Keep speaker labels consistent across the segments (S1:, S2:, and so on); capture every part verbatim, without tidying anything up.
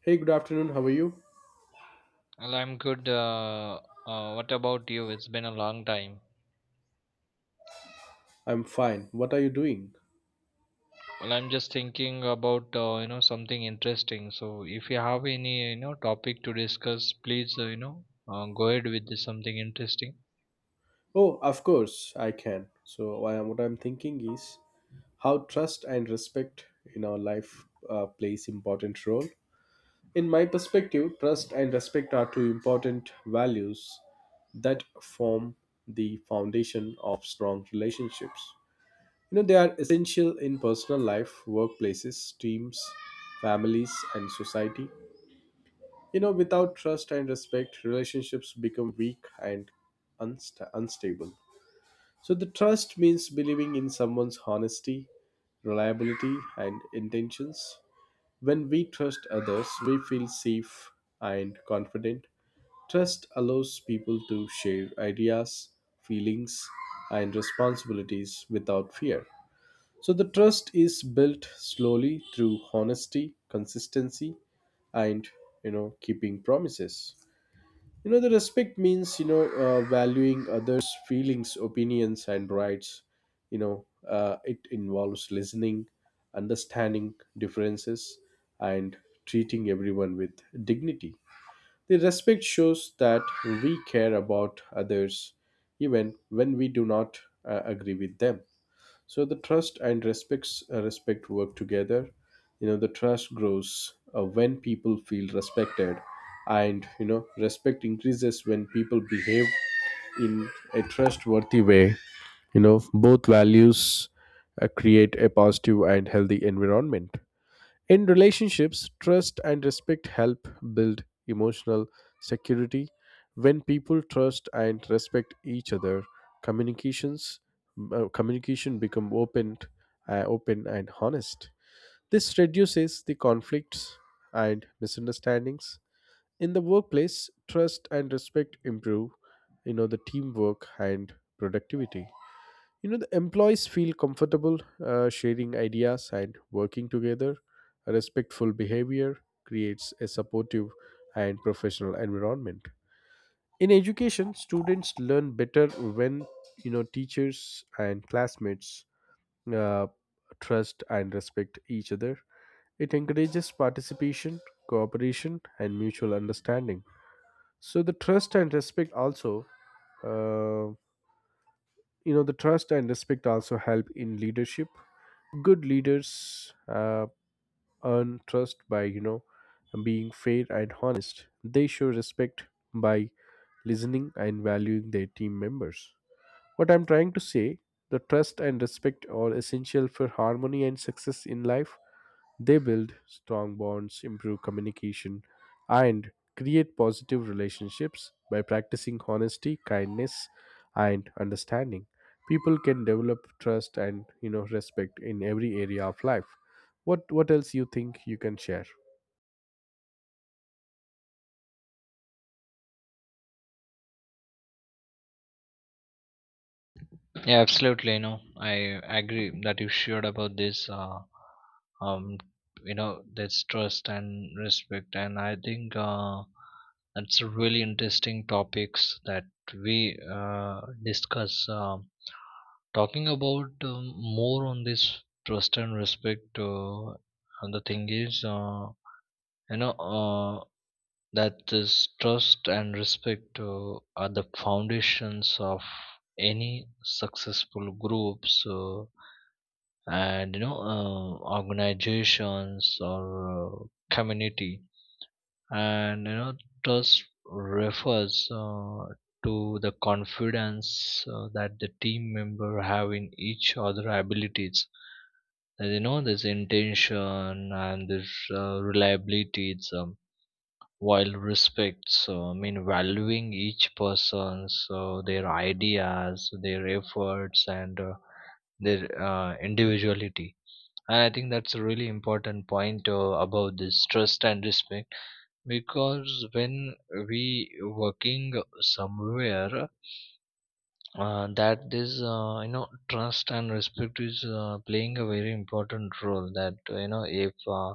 S1: Hey, good afternoon. How are you?
S2: Well, I'm good. Uh, uh, what about you? It's been a long time.
S1: I'm fine. What are you doing?
S2: Well, I'm just thinking about uh, you know something interesting. So if you have any you know topic to discuss, please uh, you know uh, go ahead with this something interesting.
S1: Oh, of course, I can. So, I am, what I'm thinking is how trust and respect in our life uh, plays important role. In my perspective, trust and respect are two important values that form the foundation of strong relationships. You know, they are essential in personal life, workplaces, teams, families, and society. You know, without trust and respect, relationships become weak and unsta unstable. So, the trust means believing in someone's honesty, reliability, and intentions. When we trust others, we feel safe and confident. Trust allows people to share ideas, feelings, and responsibilities without fear. So, the trust is built slowly through honesty, consistency, and you know, keeping promises. You know, the respect means, you know, uh, valuing others' feelings, opinions, and rights. You know, uh, it involves listening, understanding differences, and treating everyone with dignity. The respect shows that we care about others even when we do not uh, agree with them. So the trust and respects uh, respect work together. You know, the trust grows uh, when people feel respected, and you know, respect increases when people behave in a trustworthy way. You know, both values uh, create a positive and healthy environment. In relationships, trust and respect help build emotional security. When people trust and respect each other, communications uh, communication become open, uh, open and honest. This reduces the conflicts and misunderstandings. In the workplace, trust and respect improve, you know, the teamwork and productivity. You know, the employees feel comfortable uh, sharing ideas and working together. A respectful behavior creates a supportive and professional environment. In education, students learn better when you know teachers and classmates uh, trust and respect each other. It encourages participation, cooperation, and mutual understanding. So the trust and respect also, uh, you know, the trust and respect also help in leadership. Good leaders uh, earn trust by, you know, being fair and honest. They show respect by listening and valuing their team members. What I'm trying to say, the trust and respect are essential for harmony and success in life. They build strong bonds, improve communication, and create positive relationships. By practicing honesty, kindness, and understanding, people can develop trust and you know respect in every area of life. What what else you think you can share?
S2: Yeah, absolutely. You know, I agree that you shared about this. Uh, um, you know, this trust and respect, and I think uh, that's a really interesting topics that we uh, discuss. Um talking about um, more on this trust and respect. Uh, and the thing is, uh, you know, uh, that is trust and respect uh, are the foundations of any successful groups uh, and you know uh, organizations or uh, community, and you know trust refers uh, to the confidence uh, that the team member have in each other abilities, and, you know, there's intention and there's uh, reliability, it's um, while respects uh, I mean valuing each person's uh, their ideas, their efforts, and uh, their uh, individuality. And I think that's a really important point uh, about this trust and respect, because when we working somewhere, uh, that this, uh, you know trust and respect is uh, playing a very important role, that uh, you know if uh,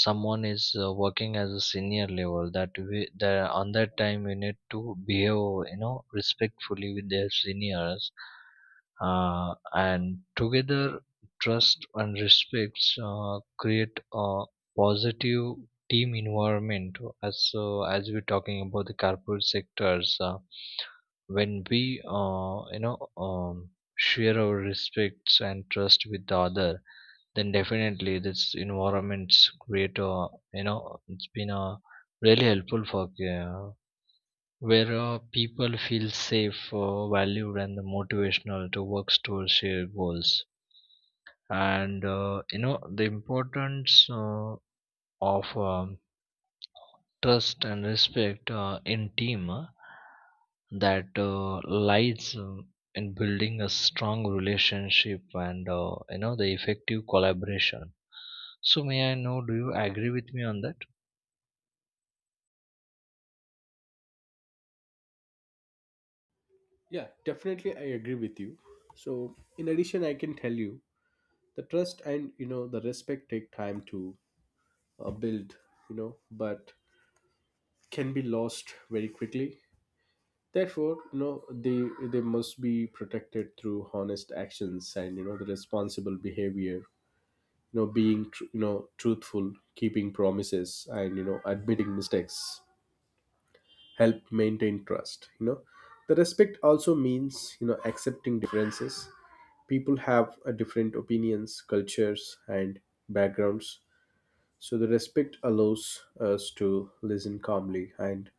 S2: someone is uh, working as a senior level, that we that on that time we need to behave, you know, respectfully with their seniors. Uh, and together, trust and respects uh, create a positive team environment, as so as we're talking about the corporate sectors. Uh, when we, uh, you know um, share our respects and trust with the other, then definitely this environment's great. uh, you know it's been uh, really helpful for uh, where uh, people feel safe, uh, valued and motivational to work towards shared goals. And uh, you know, the importance uh, of um, trust and respect uh, in team uh, that uh, lies uh, in building a strong relationship and, uh, you know, the effective collaboration. So may I know, do you agree with me on that?
S1: Yeah, definitely I agree with you. So, in addition, I can tell you the trust and you know the respect take time to uh, build, you know, but can be lost very quickly. Therefore, you know, they they must be protected through honest actions and you know the responsible behavior. You know, being tr- you know truthful, keeping promises, and you know admitting mistakes help maintain trust. You know, the respect also means, you know, accepting differences. People have uh, different opinions, cultures, and backgrounds, so the respect allows us to listen calmly and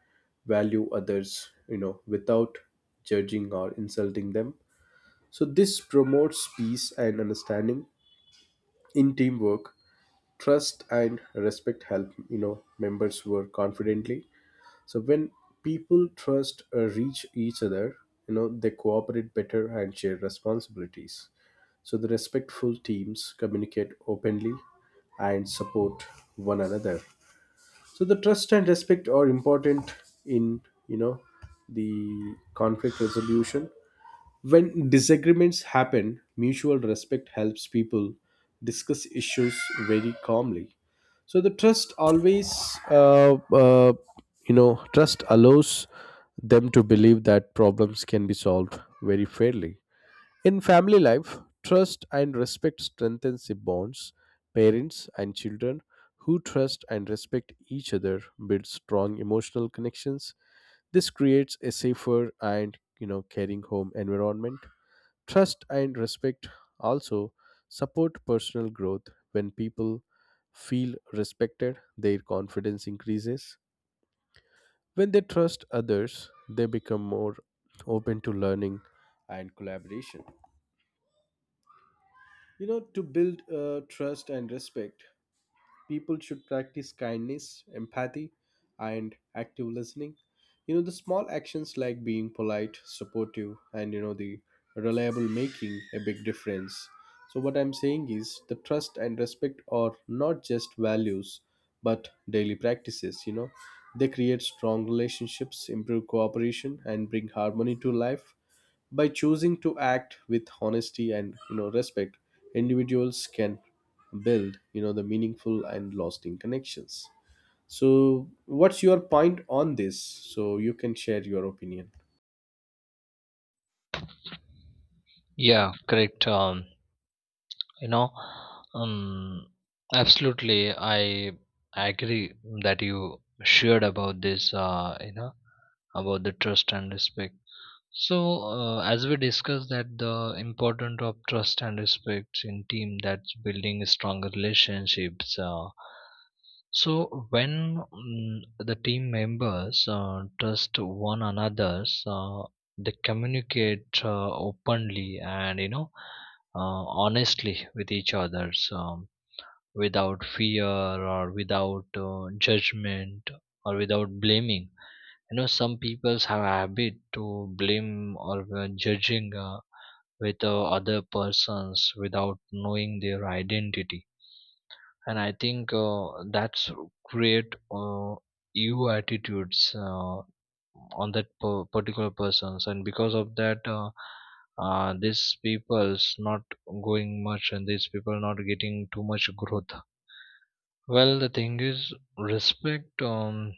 S1: value others, you know, without judging or insulting them. So this promotes peace and understanding. In teamwork, trust and respect help, you know, members work confidently. So when people trust uh, reach each other, you know, they cooperate better and share responsibilities. So the respectful teams communicate openly and support one another. So the trust and respect are important in, you know, the conflict resolution. When disagreements happen, mutual respect helps people discuss issues very calmly. So the trust always uh, uh, you know, trust allows them to believe that problems can be solved very fairly. In family life, trust and respect strengthens the bonds. Parents and children who trust and respect each other build strong emotional connections. This creates a safer and you know caring home environment. Trust and respect also support personal growth. When people feel respected, their confidence increases. When they trust others, they become more open to learning and collaboration. You know, to build uh, trust and respect, people should practice kindness, empathy, and active listening. You know, the small actions like being polite, supportive, and you know, the reliable, making a big difference. So, what I'm saying is, the trust and respect are not just values but daily practices. You know, they create strong relationships, improve cooperation, and bring harmony to life. By choosing to act with honesty and you know respect, individuals can build you know the meaningful and lasting connections. So what's your point on this? So you can share your opinion.
S2: Yeah, correct. um, you know um, Absolutely. I agree that you shared about this, uh, you know, about the trust and respect. So, uh, as we discussed that the importance of trust and respect in team, that's building stronger relationships. Uh, so, when mm, the team members uh, trust one another, uh, they communicate uh, openly and, you know uh, honestly with each other, um, without fear or without uh, judgment, or without blaming. You know, some people have a habit to blame or uh, judging uh, with uh, other persons without knowing their identity. And I think uh, that's create, uh, eu attitudes uh, on that per- particular persons, and because of that, uh, uh, these people's not going much, and these people not getting too much growth. Well, the thing is, respect um,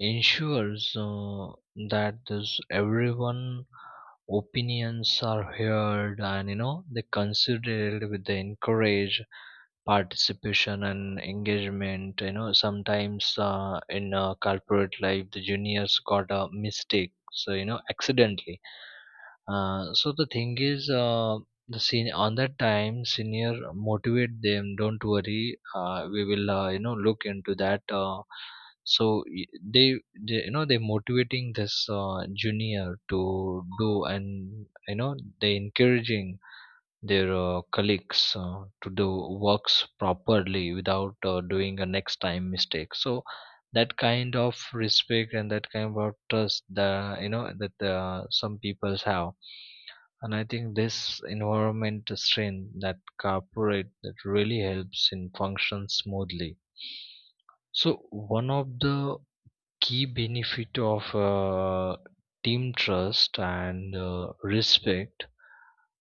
S2: ensures uh, that this everyone opinions are heard, and you know they considered with the encourage participation and engagement. You know, sometimes uh, in uh, corporate life, the juniors got a mistake, so you know accidentally. Uh, so the thing is, uh, the sen- on that time, senior motivate them. Don't worry, uh, we will, uh, you know look into that. Uh, so y- they, they you know, they motivating this uh, junior to do, and you know they encouraging their uh, colleagues uh, to do works properly without uh, doing a next time mistake. So that kind of respect and that kind of trust, the you know that uh, some peoples have. And I think this environment strain that corporate that really helps in function smoothly. So one of the key benefit of uh, team trust and uh, respect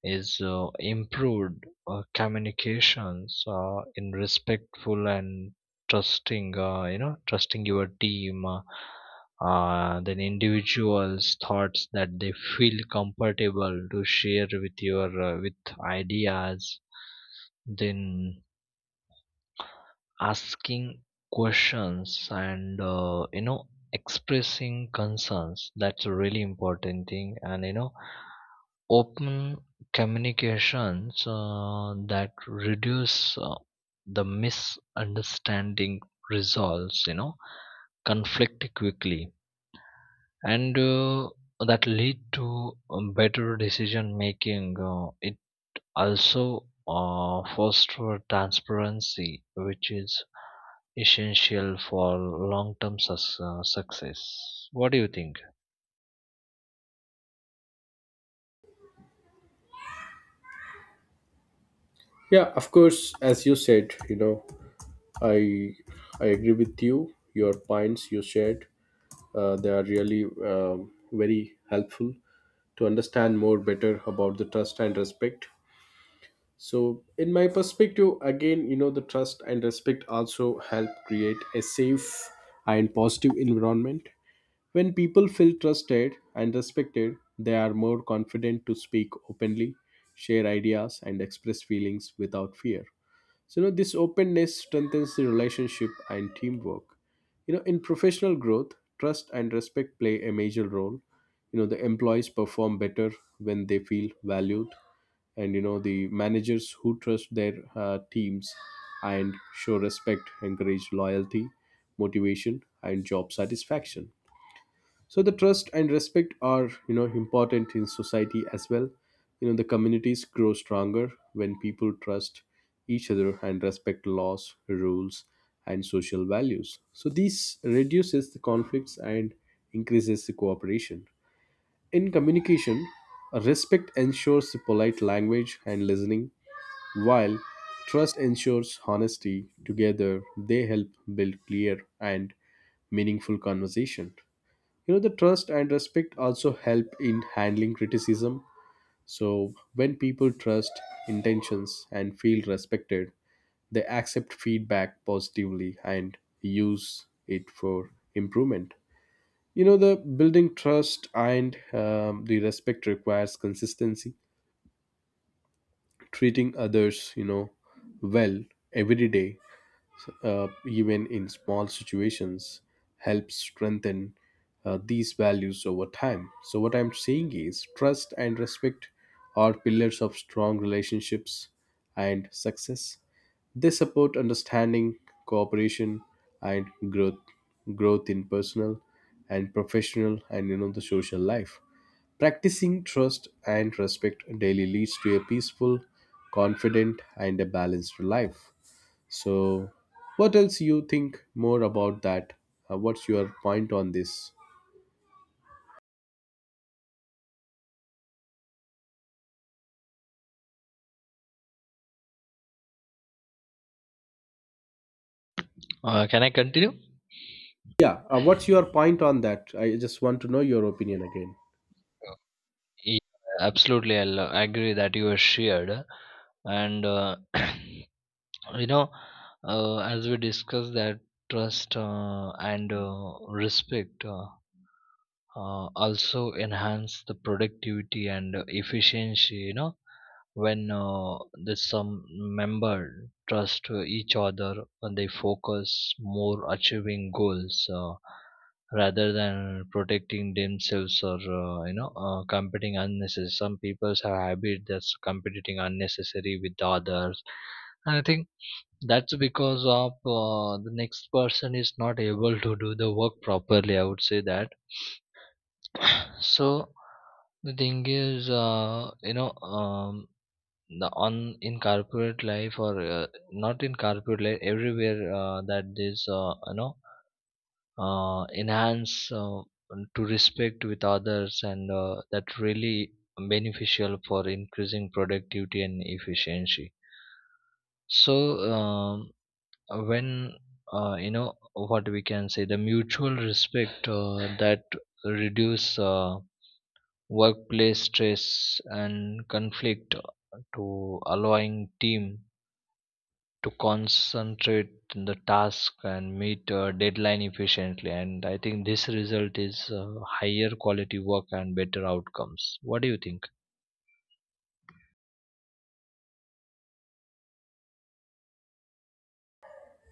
S2: is uh, improved uh, communications uh, in respectful and trusting uh, you know trusting your team, uh, uh, then individuals thoughts that they feel comfortable to share with your, uh, with ideas, then asking questions and, uh, you know, expressing concerns. That's a really important thing. And you know, open communications, uh, that reduce uh, the misunderstanding, resolves, you know, conflict quickly, and uh, that lead to um, better decision making. Uh, it also uh, foster transparency, which is essential for long term sus- uh, success. What do you think?
S1: Yeah, of course, as you said, you know, I I agree with you. Your points you shared, uh, they are really um, very helpful to understand more better about the trust and respect. So, in my perspective, again, you know, the trust and respect also help create a safe and positive environment. When people feel trusted and respected, they are more confident to speak openly, share ideas, and express feelings without fear. So, you know, this openness strengthens the relationship and teamwork. You know, in professional growth, trust and respect play a major role. You know, the employees perform better when they feel valued, and you know, the managers who trust their uh, teams and show respect encourage loyalty, motivation, and job satisfaction. So the trust and respect are, you know, important in society as well. You know, the communities grow stronger when people trust each other and respect laws, rules, and social values. So this reduces the conflicts and increases the cooperation. In communication, respect ensures the polite language and listening, while trust ensures honesty. Together they help build clear and meaningful conversation. You know, the trust and respect also help in handling criticism. So, when people trust intentions and feel respected, they accept feedback positively and use it for improvement. You know, the building trust and um, the respect requires consistency. Treating others, you know, well every day uh, even in small situations, helps strengthen uh, these values over time. So, what I'm saying is, trust and respect are pillars of strong relationships and success. They support understanding, cooperation, and growth, growth in personal and professional, and you know the social life. Practicing trust and respect daily leads to a peaceful, confident, and a balanced life. So, what else you think more about that? Uh, what's your point on this?
S2: Uh, can I continue?
S1: Yeah, uh, what's your point on that? I just want to know your opinion again.
S2: Yeah, absolutely. I agree that you have shared. And uh, you know, uh, as we discussed that trust uh, and uh, respect, uh, uh, also enhance the productivity and efficiency. You know, when uh, the some member trust uh, each other, uh, they focus more achieving goals, uh, rather than protecting themselves, or, uh, you know uh, competing unnecessary. Some people's have habit that's competing unnecessary with the others. And I think that's because of uh, the next person is not able to do the work properly, I would say that. So the thing is, uh, you know um, the on in corporate life, or uh, not in corporate life, everywhere, uh, that this, uh, you know uh, enhance uh, to respect with others, and uh, that really beneficial for increasing productivity and efficiency. So, um, when, uh, you know what we can say, the mutual respect, uh, that reduce uh, workplace stress and conflict, to allowing team to concentrate in the task and meet a deadline efficiently. And I think this result is uh, higher quality work and better outcomes. What do you think?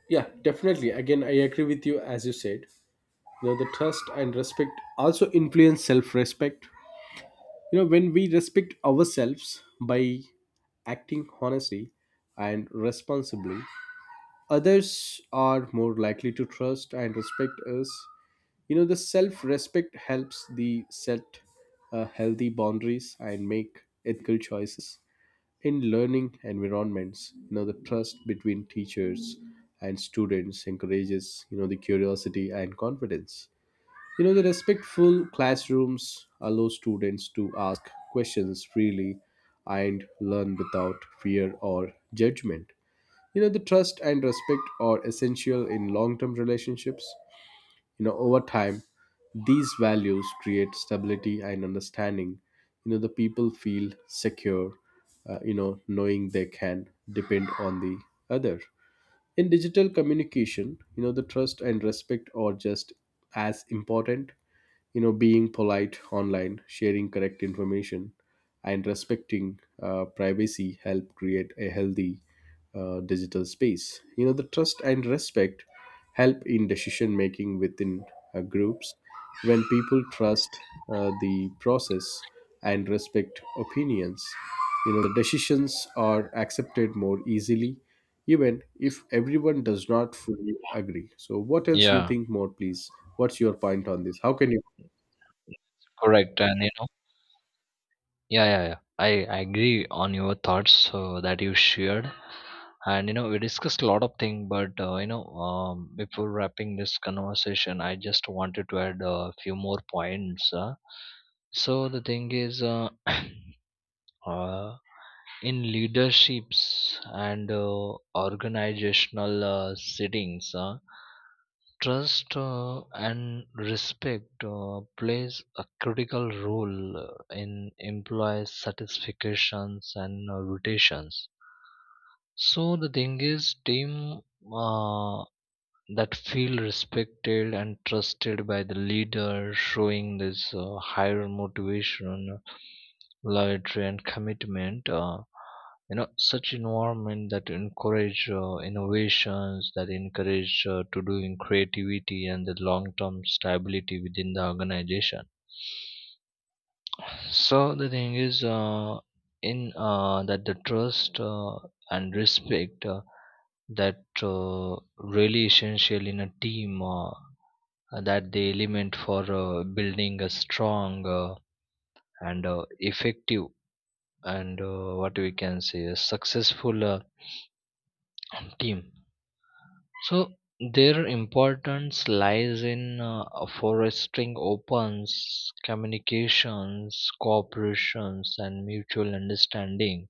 S1: Yeah, definitely. Again, I agree with you as you said. You know, the trust and respect also influence self-respect. You know, when we respect ourselves by acting honestly and responsibly, others are more likely to trust and respect us. You know, the self respect helps the set uh, healthy boundaries and make ethical choices. In learning environments, you know, the trust between teachers and students encourages you know the curiosity and confidence. You know, the respectful classrooms allow students to ask questions freely and learn without fear or judgment. You know, the trust and respect are essential in long term relationships. You know, over time, these values create stability and understanding. You know, the people feel secure, uh, you know, knowing they can depend on the other. In digital communication, you know, the trust and respect are just as important. You know, being polite online, sharing correct information, and respecting uh, privacy help create a healthy uh, digital space. You know, the trust and respect help in decision making within uh, groups. When people trust uh, the process and respect opinions, you know, the decisions are accepted more easily, even if everyone does not fully agree. So, what else you
S2: Yeah,
S1: think more, please? What's your point on this? How can you?
S2: correct. And you know, yeah, yeah, yeah, i, I agree on your thoughts uh, that you shared. And you know, we discussed a lot of things, but uh, you know um, before wrapping this conversation, I just wanted to add a few more points. uh. So the thing is, uh, uh, in leaderships and uh, organizational uh, settings, uh, trust uh, and respect uh, plays a critical role uh, in employee satisfactions and uh, rotations. So the thing is, team uh, that feel respected and trusted by the leader, showing this uh, higher motivation, loyalty, and commitment. Uh, you know, such environment that encourage uh, innovations, that encourage uh, to doing creativity and the long-term stability within the organization. So the thing is, uh, in uh, that, the trust uh, and respect, uh, that uh, really essential in a team, uh, that the element for uh, building a strong uh, and uh, effective and, uh, what we can say, a successful uh, team. So their importance lies in uh, fostering opens communications, cooperations, and mutual understanding.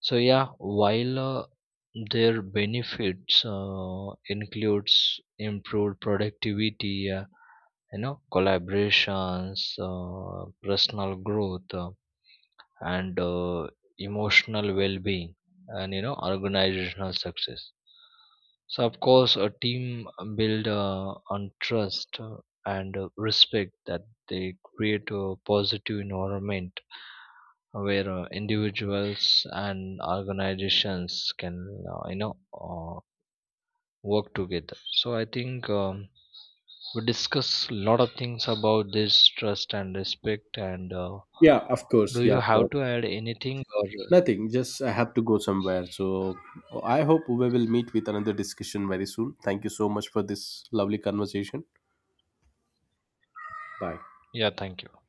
S2: So yeah, while uh, their benefits uh, includes improved productivity, uh, you know, collaborations, uh, personal growth, uh, and uh, emotional well-being, and, you know, organizational success. So of course, a team build uh, on trust uh, and uh, respect, that they create a positive environment where uh, individuals and organizations can, uh, you know uh, work together. So I think, um, we discuss a lot of things about this trust and respect. And uh,
S1: Yeah, of course.
S2: Do
S1: Yeah,
S2: you have
S1: correct.
S2: to add anything or?
S1: Nothing. Just I have to go somewhere. So, I hope we will meet with another discussion very soon. Thank you so much for this lovely conversation. Bye.
S2: Yeah, thank you.